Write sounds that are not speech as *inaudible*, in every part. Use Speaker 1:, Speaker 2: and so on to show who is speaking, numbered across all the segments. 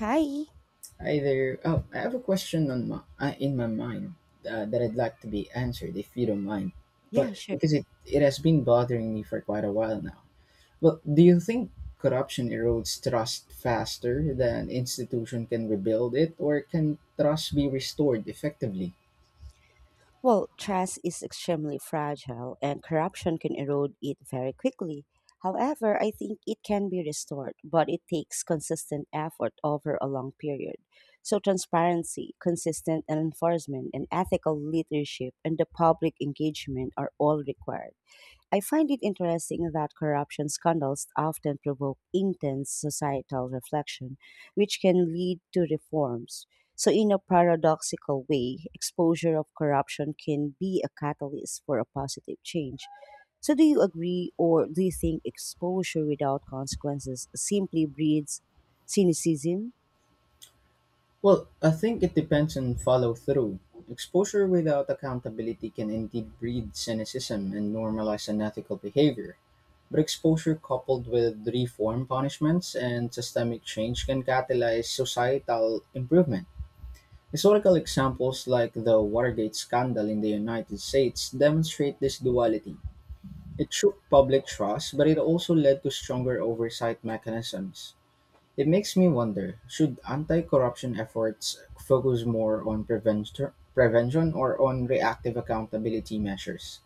Speaker 1: Hi.
Speaker 2: Hi there. Oh, I have a question on my, in my mind that I'd like to be answered if you don't mind. But
Speaker 1: Yeah, sure.
Speaker 2: because it has been bothering me for quite a while now. Well, do you think corruption erodes trust faster than institution can rebuild it, or can trust be restored effectively?
Speaker 1: Well, trust is extremely fragile and corruption can erode it very quickly. However, I think it can be restored, but it takes consistent effort over a long period. So, transparency, consistent enforcement, and ethical leadership and the public engagement are all required. I find it interesting that corruption scandals often provoke intense societal reflection, which can lead to reforms. So, in a paradoxical way, exposure of corruption can be a catalyst for a positive change. So, do you agree, or do you think exposure without consequences simply breeds cynicism?
Speaker 2: Well, I think it depends on follow through. Exposure without accountability can indeed breed cynicism and normalize unethical behavior. But exposure coupled with reform punishments and systemic change can catalyze societal improvement. Historical examples like the Watergate scandal in the United States demonstrate this duality. It shook public trust, but it also led to stronger oversight mechanisms. It makes me wonder, should anti corruption efforts focus more on prevention or on reactive accountability measures?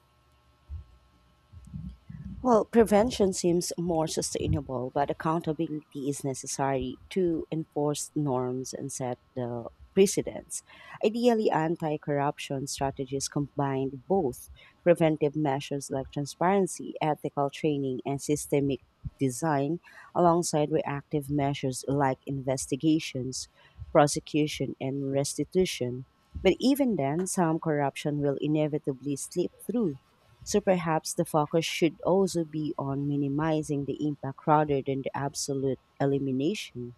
Speaker 1: Well, prevention seems more sustainable, but accountability is necessary to enforce norms and set the precedents. Ideally, anti corruption strategies combine both preventive measures like transparency, ethical training, and systemic design, alongside reactive measures like investigations, prosecution, and restitution. But even then, some corruption will inevitably slip through, so perhaps the focus should also be on minimizing the impact rather than the absolute elimination.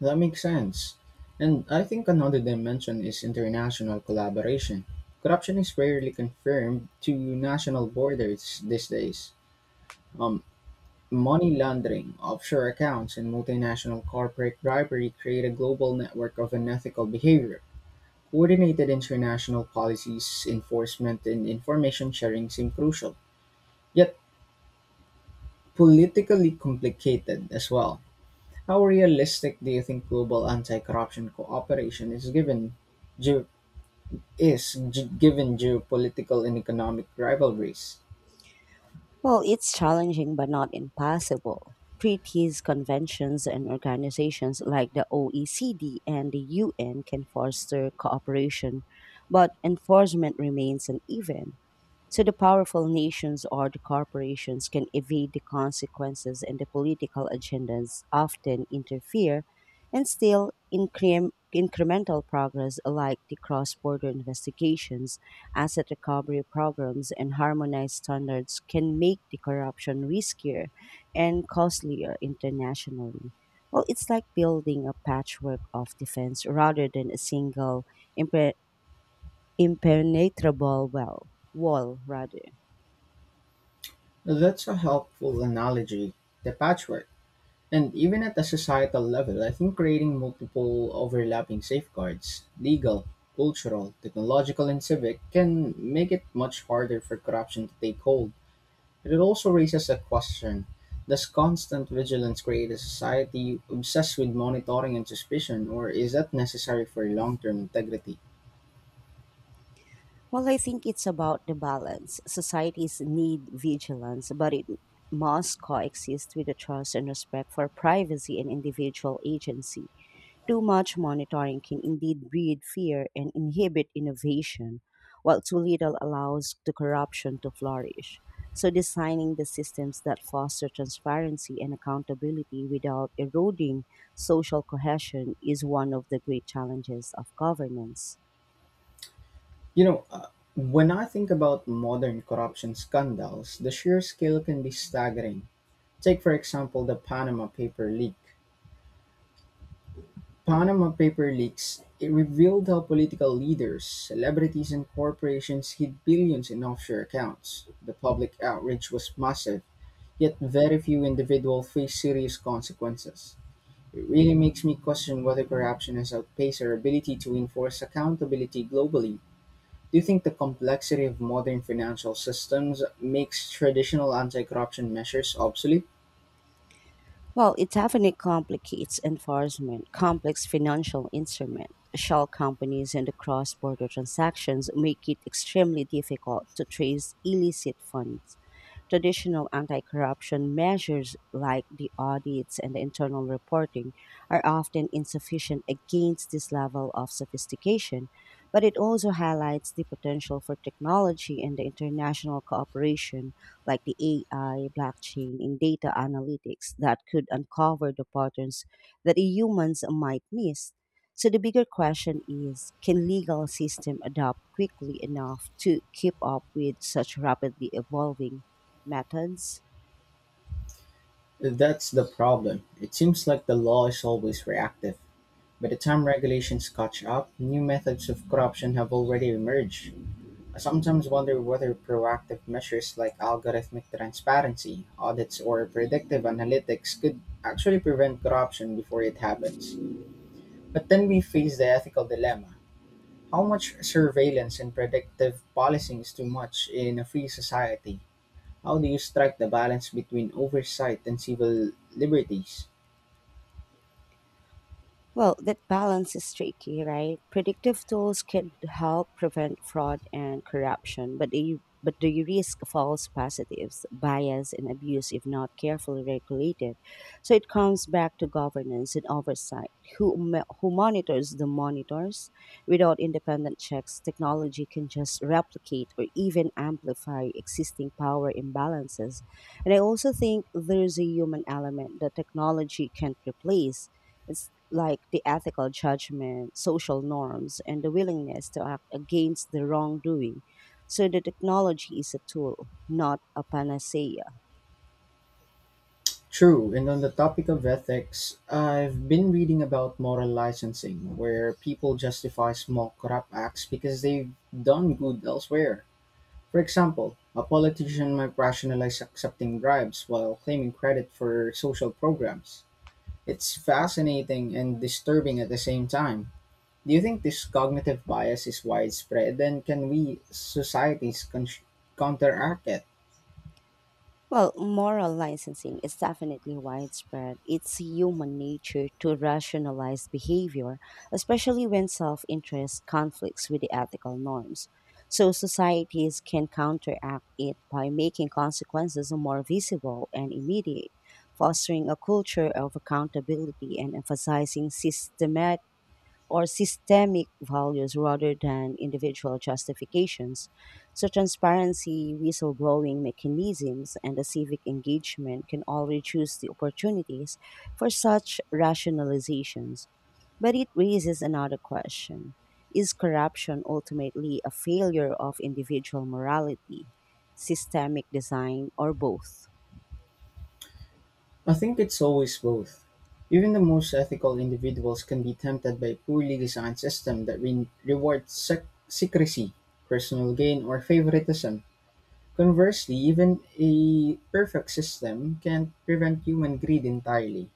Speaker 2: That makes sense. And I think another dimension is international collaboration. Corruption is rarely confined to national borders these days. Um, Money laundering, offshore accounts, and multinational corporate bribery create a global network of unethical behavior. Coordinated international policies, enforcement, and information sharing seem crucial, yet politically complicated as well. How realistic do you think global anti corruption cooperation is given ge- given geopolitical and economic rivalries.
Speaker 1: Well, it's challenging but not impossible. Treaties, conventions, and organizations like the OECD and the UN can foster cooperation, but enforcement remains uneven. So the powerful nations or the corporations can evade the consequences and the political agendas often interfere, and still incremental progress like the cross-border investigations, asset recovery programs, and harmonized standards can make the corruption riskier and costlier internationally. Well, it's like building a patchwork of defense rather than a single impre- impenetrable well, wall rather.
Speaker 2: That's a helpful analogy, the patchwork. And even at the societal level, I think creating multiple overlapping safeguards legal, cultural, technological, and civic can make it much harder for corruption to take hold. But it also raises a question: does constant vigilance create a society obsessed with monitoring and suspicion, or is that necessary for long term integrity?
Speaker 1: Well, I think it's about the balance. Societies need vigilance, but it must coexist with the trust and respect for privacy and individual agency. Too much monitoring can indeed breed fear and inhibit innovation, while too little allows the corruption to flourish. So, designing the systems that foster transparency and accountability without eroding social cohesion is one of the great challenges of governance.
Speaker 2: You know, when I think about modern corruption scandals, the sheer scale can be staggering. Take, for example, the Panama Paper leak. Panama Paper leaks, it revealed how political leaders, celebrities, and corporations hid billions in offshore accounts. The public outrage was massive, yet very few individuals faced serious consequences. It really makes me question whether corruption has outpaced our ability to enforce accountability globally. Do you think the complexity of modern financial systems makes traditional anti-corruption measures obsolete?
Speaker 1: Well, it definitely complicates enforcement. Complex financial instrument, shell companies, and the cross-border transactions make it extremely difficult to trace illicit funds. Traditional anti-corruption measures like the audits and the internal reporting are often insufficient against this level of sophistication, but it also highlights the potential for technology and the international cooperation like the AI, blockchain, and data analytics that could uncover the patterns that humans might miss. So the bigger question is, can legal system adapt quickly enough to keep up with such rapidly evolving methods?
Speaker 2: That's the problem. It seems like the law is always reactive. By the time regulations catch up, new methods of corruption have already emerged. I sometimes wonder whether proactive measures like algorithmic transparency, audits, or predictive analytics could actually prevent corruption before it happens. But then we face the ethical dilemma. How much surveillance and predictive policing is too much in a free society? How do you strike the balance between oversight and civil liberties?
Speaker 1: Well, that balance is tricky, right? Predictive tools could help prevent fraud and corruption, but they risk false positives, bias, and abuse if not carefully regulated. So it comes back to governance and oversight. Who monitors the monitors? Without independent checks, technology can just replicate or even amplify existing power imbalances. And I also think there's a human element that technology can't replace. It's like the ethical judgment, social norms, and the willingness to act against the wrongdoing. So the technology is a tool, not a panacea.
Speaker 2: True, and on the topic of ethics, I've been reading about moral licensing, where people justify small corrupt acts because they've done good elsewhere. For example, a politician might rationalize accepting bribes while claiming credit for social programs. It's fascinating and disturbing at the same time. Do you think this cognitive bias is widespread, and can we, societies, counteract it?
Speaker 1: Well, moral licensing is definitely widespread. It's human nature to rationalize behavior, especially when self interest conflicts with the ethical norms. So, societies can counteract it by making consequences more visible and immediate, fostering a culture of accountability and emphasizing systematic or systemic values rather than individual justifications. So, transparency, whistleblowing mechanisms, and a civic engagement can all reduce the opportunities for such rationalizations. But it raises another question. Is corruption ultimately a failure of individual morality, systemic design, or both?
Speaker 2: I think it's always both. Even the most ethical individuals can be tempted by a poorly designed system that rewards secrecy, personal gain, or favoritism. Conversely, even a perfect system can't prevent human greed entirely.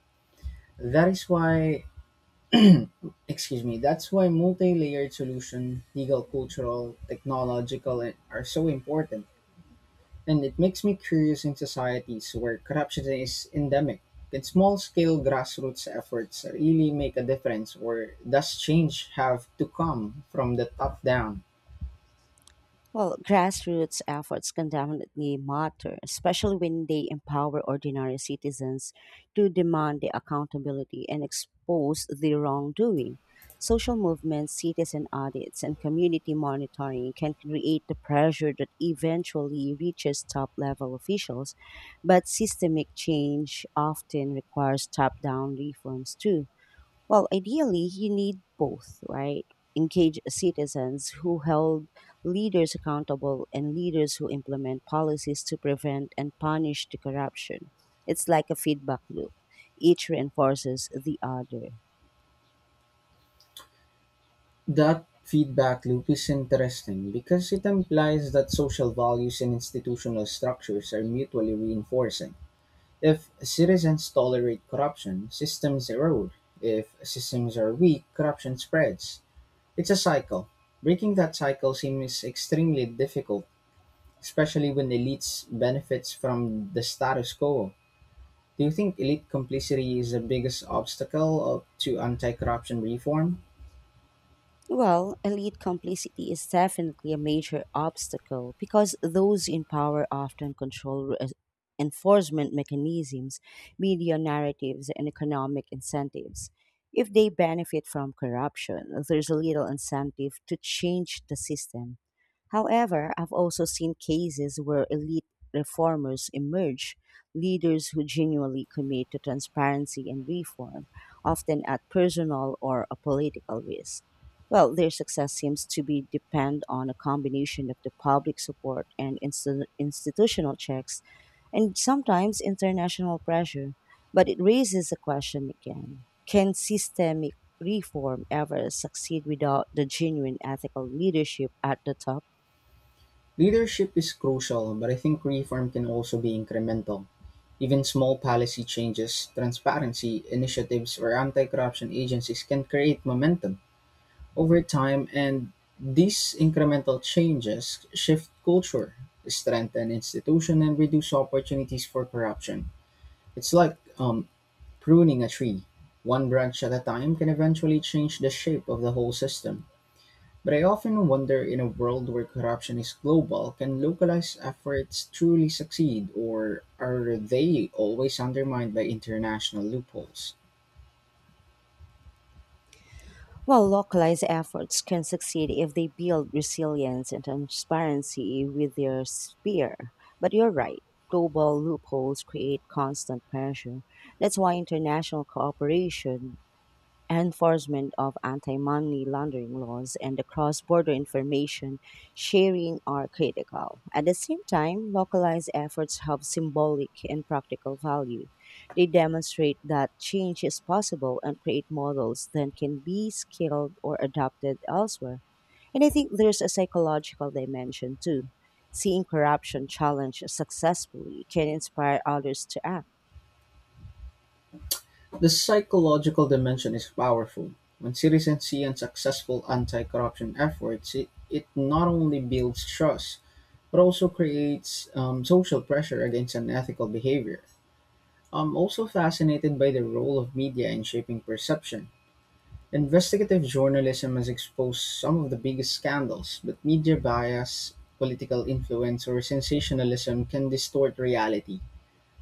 Speaker 2: That is why, excuse me, that's why multi layered solution, legal, cultural, technological, and- are so important. And it makes me curious in societies where corruption is endemic. Can small scale grassroots efforts really make a difference, or does change have to come from the top down?
Speaker 1: Well, grassroots efforts can definitely matter, especially when they empower ordinary citizens to demand the accountability and expose the wrongdoing. Social movements, citizen audits, and community monitoring can create the pressure that eventually reaches top level officials, but systemic change often requires top down reforms too. Well, ideally, you need both, right? Engage citizens who hold leaders accountable and leaders who implement policies to prevent and punish the corruption. It's like a feedback loop. Each reinforces the other.
Speaker 2: That feedback loop is interesting because it implies that social values and institutional structures are mutually reinforcing. If citizens tolerate corruption, systems erode. If systems are weak, corruption spreads. It's a cycle. Breaking that cycle seems extremely difficult, especially when elites benefits from the status quo. Do you think elite complicity is the biggest obstacle of, to anti-corruption reform?
Speaker 1: Well, elite complicity is definitely a major obstacle because those in power often control enforcement mechanisms, media narratives, and economic incentives. If they benefit from corruption, there's little incentive to change the system. However, I've also seen cases where elite reformers emerge, leaders who genuinely commit to transparency and reform, often at personal or a political risk. Well, their success seems to be depend on a combination of the public support and institutional checks and sometimes international pressure. But it raises a question again. Can systemic reform ever succeed without the genuine ethical leadership at the top?
Speaker 2: Leadership is crucial, but I think reform can also be incremental. Even small policy changes, transparency initiatives, or anti-corruption agencies can create momentum over time, and these incremental changes shift culture, strengthen institutions, and reduce opportunities for corruption. It's like pruning a tree, one branch at a time, can eventually change the shape of the whole system. But I often wonder, in a world where corruption is global, can localized efforts truly succeed, or are they always undermined by international loopholes?
Speaker 1: While localized efforts can succeed if they build resilience and transparency with their sphere. But you're right, global loopholes create constant pressure. That's why international cooperation, enforcement of anti-money laundering laws and the cross-border information sharing are critical. At the same time, localized efforts have symbolic and practical value. They demonstrate that change is possible and create models that can be scaled or adapted elsewhere. And I think there's a psychological dimension too. Seeing corruption challenged successfully can inspire others to act.
Speaker 2: The psychological dimension is powerful. When citizens see unsuccessful anti corruption efforts, it not only builds trust, but also creates social pressure against unethical behavior. I'm also fascinated by the role of media in shaping perception. Investigative journalism has exposed some of the biggest scandals, but media bias, political influence, or sensationalism can distort reality.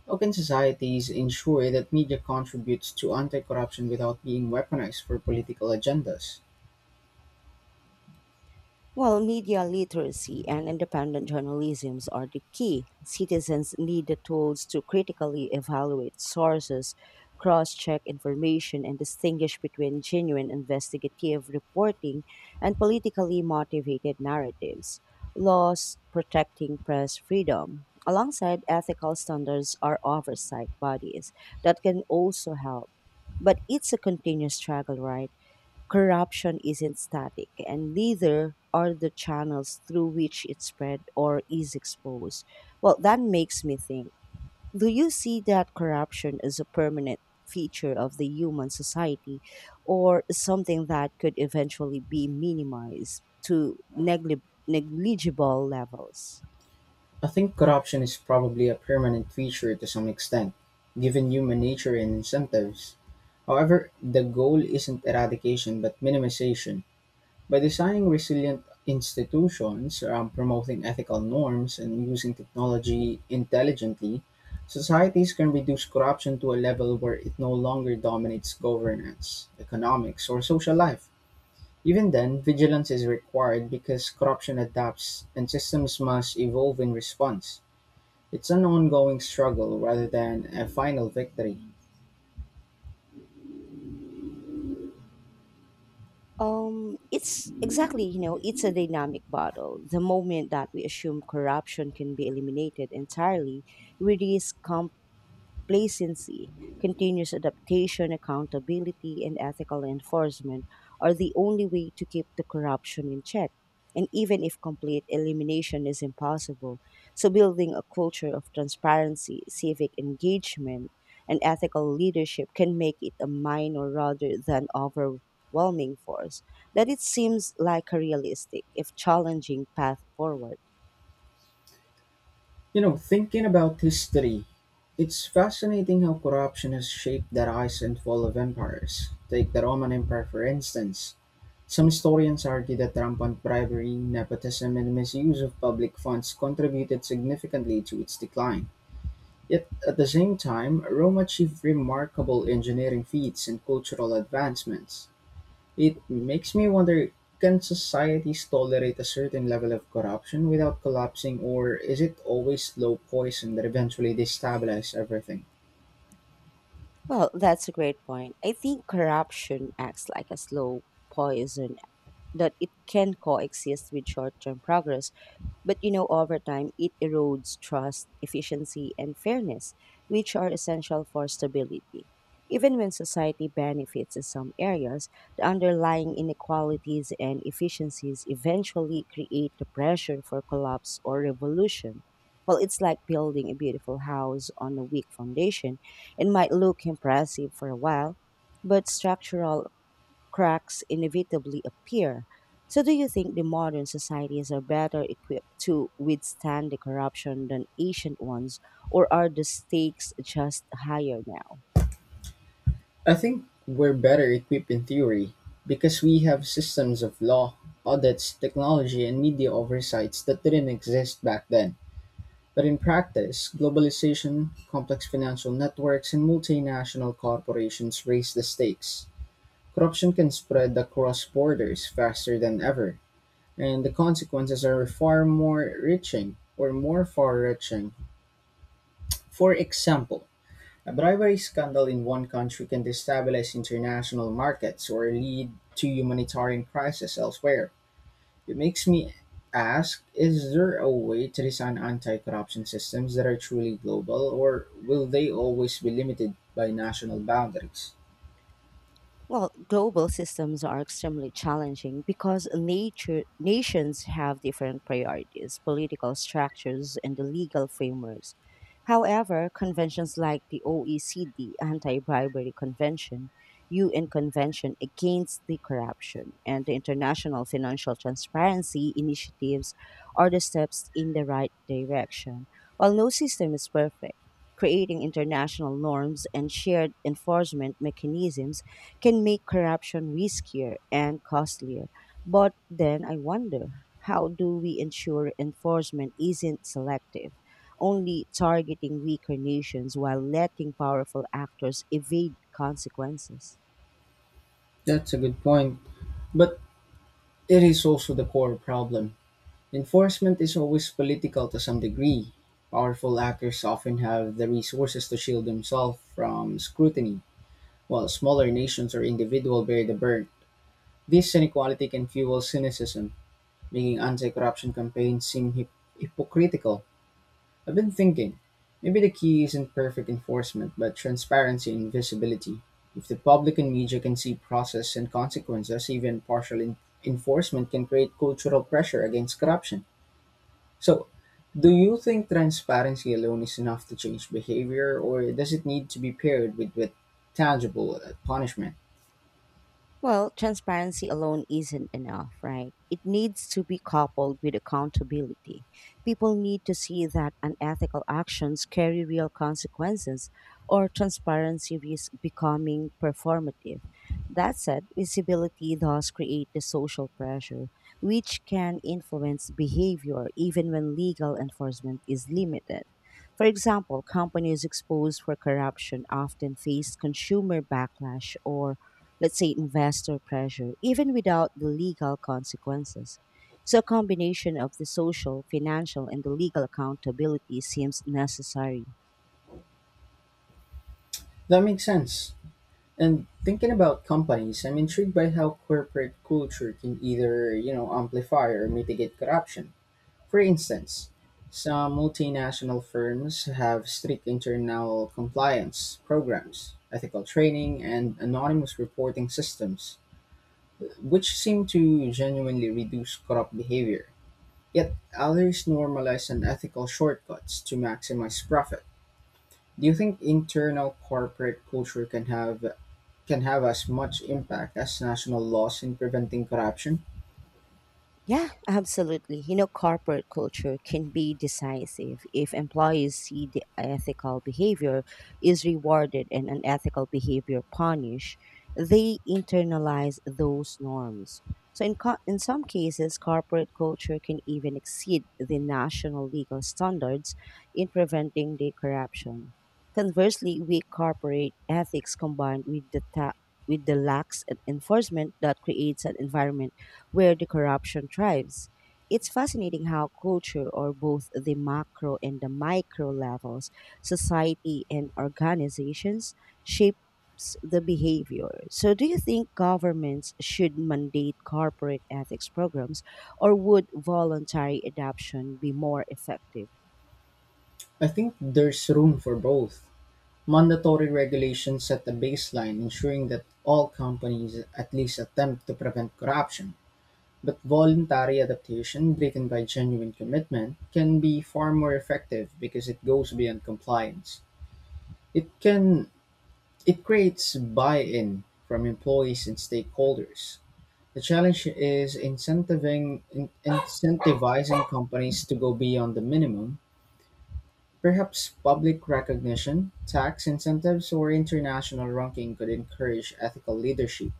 Speaker 2: How can societies ensure that media contributes to anti corruption without being weaponized for political agendas?
Speaker 1: While media literacy and independent journalism are the key. Citizens need the tools to critically evaluate sources, cross check information, and distinguish between genuine investigative reporting and politically motivated narratives. Laws protecting press freedom, alongside ethical standards, are oversight bodies that can also help. But it's a continuous struggle, right? Corruption isn't static, and neither are the channels through which it spread or is exposed. Well, that makes me think, do you see that corruption as a permanent feature of the human society or something that could eventually be minimized to negligible levels?
Speaker 2: I think corruption is probably a permanent feature to some extent, given human nature and incentives. However, the goal isn't eradication but minimization. By designing resilient institutions, promoting ethical norms, and using technology intelligently, societies can reduce corruption to a level where it no longer dominates governance, economics, or social life. Even then, vigilance is required because corruption adapts and systems must evolve in response. It's an ongoing struggle rather than a final victory.
Speaker 1: It's exactly, you know, it's a dynamic battle. The moment that we assume corruption can be eliminated entirely, we risk complacency. Continuous adaptation, accountability, and ethical enforcement are the only way to keep the corruption in check. And even if complete elimination is impossible, so building a culture of transparency, civic engagement, and ethical leadership can make it a minor rather than overwhelming force. That it seems like a realistic, if challenging, path forward.
Speaker 2: You know, thinking about history, it's fascinating how corruption has shaped the rise and fall of empires. Take the Roman Empire, for instance. Some historians argue that rampant bribery, nepotism, and misuse of public funds contributed significantly to its decline. Yet, at the same time, Rome achieved remarkable engineering feats and cultural advancements. It makes me wonder, can societies tolerate a certain level of corruption without collapsing, or is it always slow poison that eventually destabilizes everything?
Speaker 1: Well, that's a great point. I think corruption acts like a slow poison that it can coexist with short term progress. But you know, over time, it erodes trust, efficiency, and fairness, which are essential for stability. Even when society benefits in some areas, the underlying inequalities and efficiencies eventually create the pressure for collapse or revolution. Well, it's like building a beautiful house on a weak foundation. It might look impressive for a while, but structural cracks inevitably appear. So, do you think the modern societies are better equipped to withstand the corruption than ancient ones, or are the stakes just higher now?
Speaker 2: I think we're better equipped in theory because we have systems of law, audits, technology, and media oversights that didn't exist back then. But in practice, globalization, complex financial networks, and multinational corporations raise the stakes. Corruption can spread across borders faster than ever, and the consequences are far more reaching or more far reaching. For example, a bribery scandal in one country can destabilize international markets or lead to humanitarian crisis elsewhere. It makes me ask, is there a way to design anti corruption systems that are truly global, or will they always be limited by national boundaries?
Speaker 1: Well, global systems are extremely challenging because nature, nations have different priorities, political structures, and the legal frameworks. However, conventions like the OECD Anti Bribery Convention, UN Convention Against the Corruption, and the International Financial Transparency Initiatives are the steps in the right direction. While no system is perfect, creating international norms and shared enforcement mechanisms can make corruption riskier and costlier. But then I wonder, how do we ensure enforcement isn't selective, only targeting weaker nations while letting powerful actors evade consequences?
Speaker 2: That's a good point, but it is also the core problem. Enforcement is always political to some degree. Powerful actors often have the resources to shield themselves from scrutiny, while smaller nations or individuals bear the burden. This inequality can fuel cynicism, making anti corruption campaigns seem hypocritical. I've been thinking, maybe the key isn't perfect enforcement, but transparency and visibility. If the public and media can see process and consequences, even partial enforcement can create cultural pressure against corruption. So, do you think transparency alone is enough to change behavior, or does it need to be paired with tangible punishment?
Speaker 1: Well, transparency alone isn't enough, right? It needs to be coupled with accountability. People need to see that unethical actions carry real consequences or transparency risks becoming performative. That said, visibility does create the social pressure, which can influence behavior even when legal enforcement is limited. For example, companies exposed for corruption often face consumer backlash or let's say investor pressure, even without the legal consequences. So a combination of the social, financial, and the legal accountability seems necessary.
Speaker 2: That makes sense. And thinking about companies, I'm intrigued by how corporate culture can either, you know, amplify or mitigate corruption. For instance, some multinational firms have strict internal compliance programs, ethical training, and anonymous reporting systems, which seem to genuinely reduce corrupt behavior. Yet others normalize unethical shortcuts to maximize profit. Do you think internal corporate culture can have as much impact as national laws in preventing corruption?
Speaker 1: Yeah, absolutely. You know, corporate culture can be decisive if employees see the ethical behavior is rewarded and unethical behavior punished. They internalize those norms. So, in some cases, corporate culture can even exceed the national legal standards in preventing the corruption. Conversely, weak corporate ethics combined with with the lax enforcement that creates an environment where the corruption thrives. It's fascinating how culture, or both the macro and the micro levels, society and organizations, shapes the behavior. So, do you think governments should mandate corporate ethics programs, or would voluntary adoption be more effective?
Speaker 2: I think there's room for both. Mandatory regulations set the baseline, ensuring that all companies at least attempt to prevent corruption. But voluntary adaptation, driven by genuine commitment, can be far more effective because it goes beyond compliance. It can It creates buy-in from employees and stakeholders. The challenge is incentivizing companies to go beyond the minimum. Perhaps public recognition, tax incentives, or international ranking could encourage ethical leadership.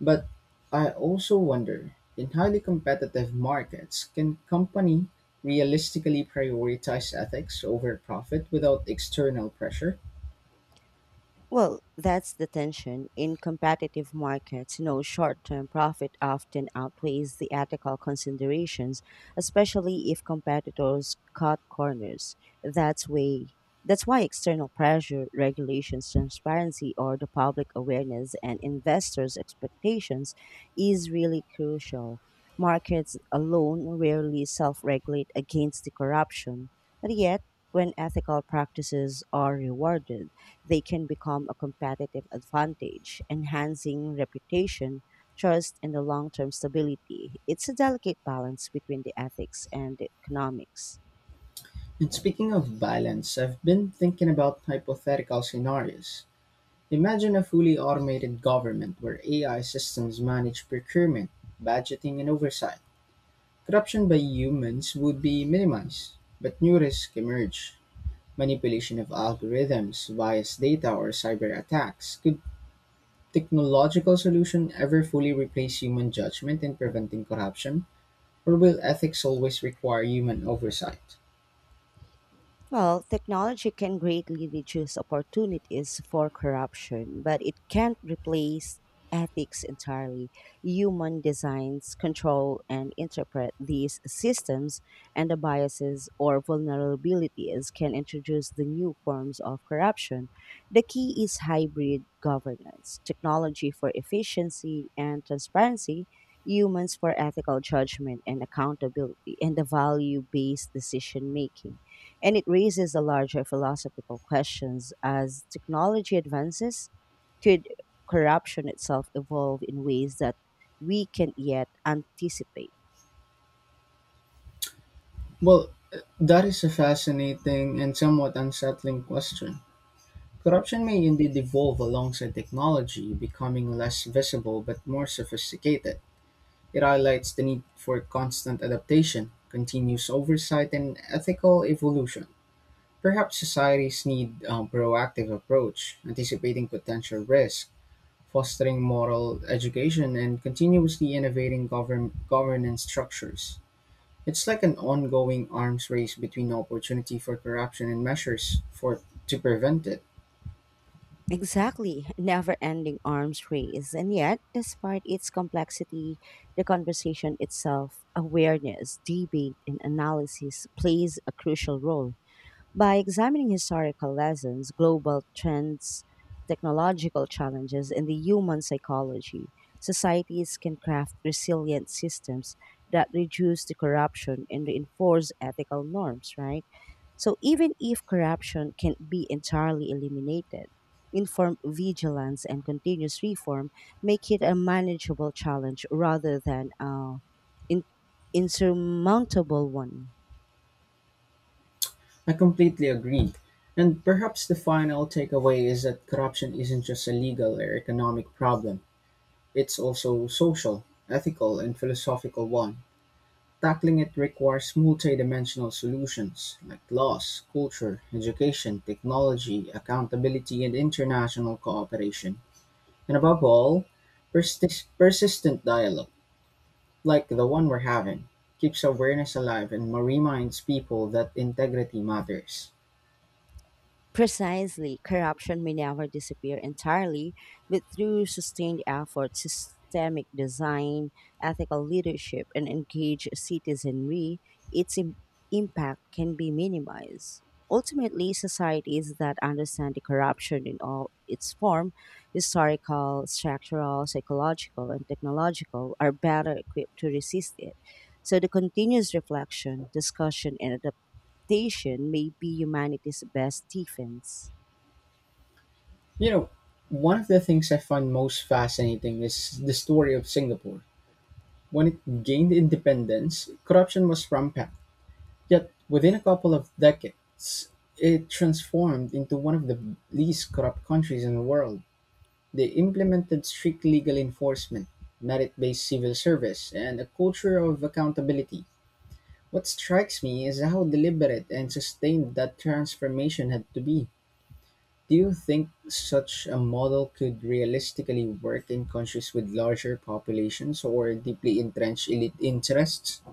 Speaker 2: But I also wonder, in highly competitive markets, can company realistically prioritize ethics over profit without external pressure?
Speaker 1: Well, that's the tension. In competitive markets, you know, short term profit often outweighs the ethical considerations, especially if competitors cut corners. That's way that's why external pressure, regulations, transparency, or the public awareness and investors' expectations is really crucial. Markets alone rarely self regulate against the corruption, but yet when ethical practices are rewarded they can become a competitive advantage, enhancing reputation, trust, and the long term stability. It's a delicate balance between the ethics and the economics.
Speaker 2: And speaking of balance, I've been thinking about hypothetical scenarios. Imagine a fully automated government where AI systems manage procurement, budgeting, and oversight. Corruption by humans would be minimized, but new risks emerge. Manipulation of algorithms, biased data, or cyber attacks. Could technological solution ever fully replace human judgment in preventing corruption? Or will ethics always require human oversight?
Speaker 1: Well, technology can greatly reduce opportunities for corruption, but it can't replace ethics entirely. Human designs control and interpret these systems, and the biases or vulnerabilities can introduce the new forms of corruption. The key is hybrid governance technology for efficiency and transparency, humans for ethical judgment and accountability, and the value based decision making. And it raises a larger philosophical questions as technology advances, could corruption itself evolve in ways that we can yet anticipate?
Speaker 2: Well, that is a fascinating and somewhat unsettling question. Corruption may indeed evolve alongside technology, becoming less visible but more sophisticated. It highlights the need for constant adaptation, continuous oversight, and ethical evolution. Perhaps societies need a proactive approach, anticipating potential risk, fostering moral education, and continuously innovating governance structures. It's like an ongoing arms race between opportunity for corruption and measures for to prevent it.
Speaker 1: Exactly, *laughs* never ending arms race. And yet, despite its complexity, the conversation itself, awareness, debate, and analysis plays a crucial role. By examining historical lessons, global trends, technological challenges, and the human psychology, societies can craft resilient systems that reduce the corruption and reinforce ethical norms, right? So even if corruption can be entirely eliminated, informed vigilance and continuous reform make it a manageable challenge rather than an insurmountable one.
Speaker 2: I completely agree. And perhaps the final takeaway is that corruption isn't just a legal or economic problem. It's also social, ethical, and philosophical one. Tackling it requires multidimensional solutions like laws, culture, education, technology, accountability, and international cooperation. And above all, persistent dialogue, like the one we're having, keeps awareness alive and reminds people that integrity matters.
Speaker 1: Precisely, corruption may never disappear entirely, but through sustained effort, systemic design, ethical leadership, and engaged citizenry, its impact can be minimized. Ultimately, societies that understand the corruption in all its form, historical, structural, psychological, and technological, are better equipped to resist it. So the continuous reflection, discussion, and adaptation may be humanity's best defense.
Speaker 2: You know, one of the things I find most fascinating is the story of Singapore. When it gained independence, corruption was rampant. Yet, within a couple of decades, it transformed into one of the least corrupt countries in the world. They implemented strict legal enforcement, merit based civil service, and a culture of accountability. What strikes me is how deliberate and sustained that transformation had to be. Do you think such a model could realistically work in countries with larger populations or deeply entrenched elite interests?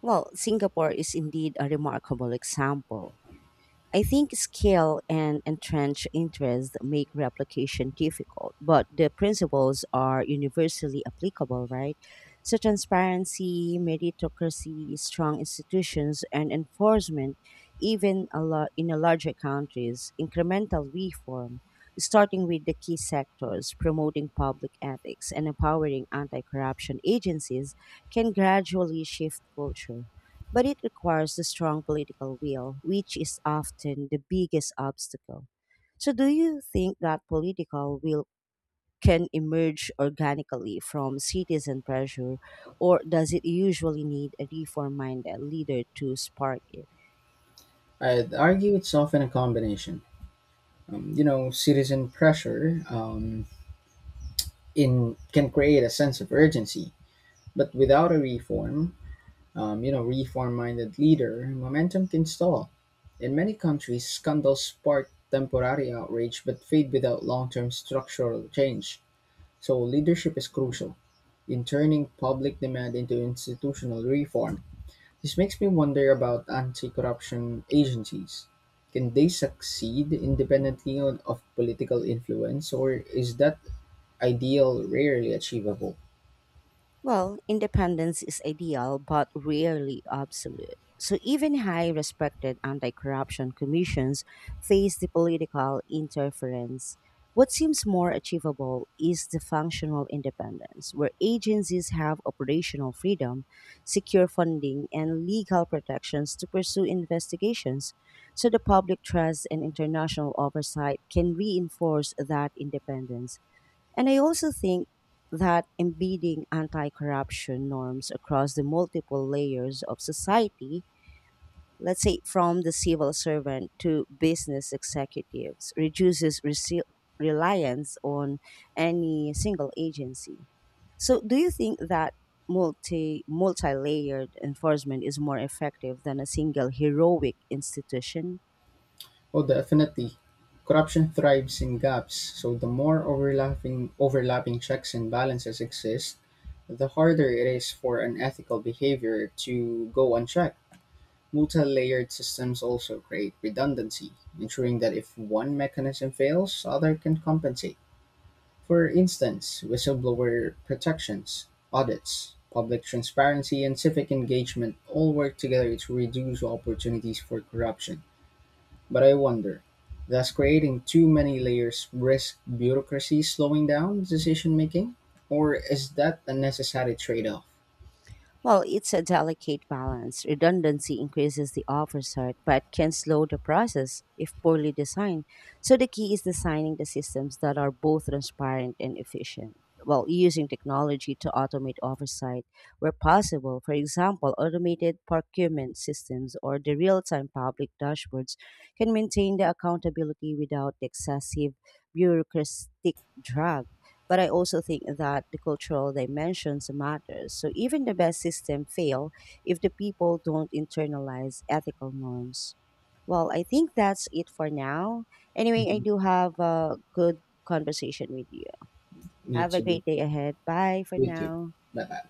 Speaker 1: Well, Singapore is indeed a remarkable example. I think scale and entrenched interest make replication difficult, but the principles are universally applicable, right? So, transparency, meritocracy, strong institutions, and enforcement, even a lot in a larger countries, incremental reform, starting with the key sectors, promoting public ethics, and empowering anti corruption agencies, can gradually shift culture but it requires a strong political will, which is often the biggest obstacle. So, do you think that political will can emerge organically from citizen pressure, or does it usually need a reform minded leader to spark it?
Speaker 2: I'd argue it's often a combination. You know, citizen pressure in can create a sense of urgency, but without a reform-minded leader, momentum can stall. In many countries, scandals spark temporary outrage but fade without long-term structural change. So leadership is crucial in turning public demand into institutional reform. This makes me wonder about anti-corruption agencies. Can they succeed independently of political influence, or is that ideal rarely achievable?
Speaker 1: Well, independence is ideal but rarely absolute. So even high respected anti corruption commissions face the political interference. What seems more achievable is the functional independence, where agencies have operational freedom, secure funding, and legal protections to pursue investigations. So the public trust and international oversight can reinforce that independence. And I also think that embedding anti corruption norms across the multiple layers of society, let's say from the civil servant to business executives, reduces reliance on any single agency. So, do you think that multi layered enforcement is more effective than a single heroic institution?
Speaker 2: Oh, definitely. Corruption thrives in gaps, so the more overlapping checks and balances exist, the harder it is for unethical behavior to go unchecked. Multi-layered systems also create redundancy, ensuring that if one mechanism fails, other can compensate. For instance, whistleblower protections, audits, public transparency, and civic engagement all work together to reduce opportunities for corruption. But I wonder, does creating too many layers risk bureaucracy slowing down decision making? Or is that a necessary trade off?
Speaker 1: Well, it's a delicate balance. Redundancy increases the oversight but can slow the process if poorly designed. So the key is designing the systems that are both transparent and efficient. Well, using technology to automate oversight where possible, for example, automated procurement systems or the real time public dashboards can maintain the accountability without the excessive bureaucratic drag. But I also think that the cultural dimensions matters. So even the best system fail if the people don't internalize ethical norms. Well, I think that's it for now. Anyway, I
Speaker 2: Mhm.
Speaker 1: do have a good conversation with you.
Speaker 2: Me
Speaker 1: Have a
Speaker 2: too.
Speaker 1: great day ahead. Bye for
Speaker 2: You too.
Speaker 1: now.
Speaker 2: Bye bye.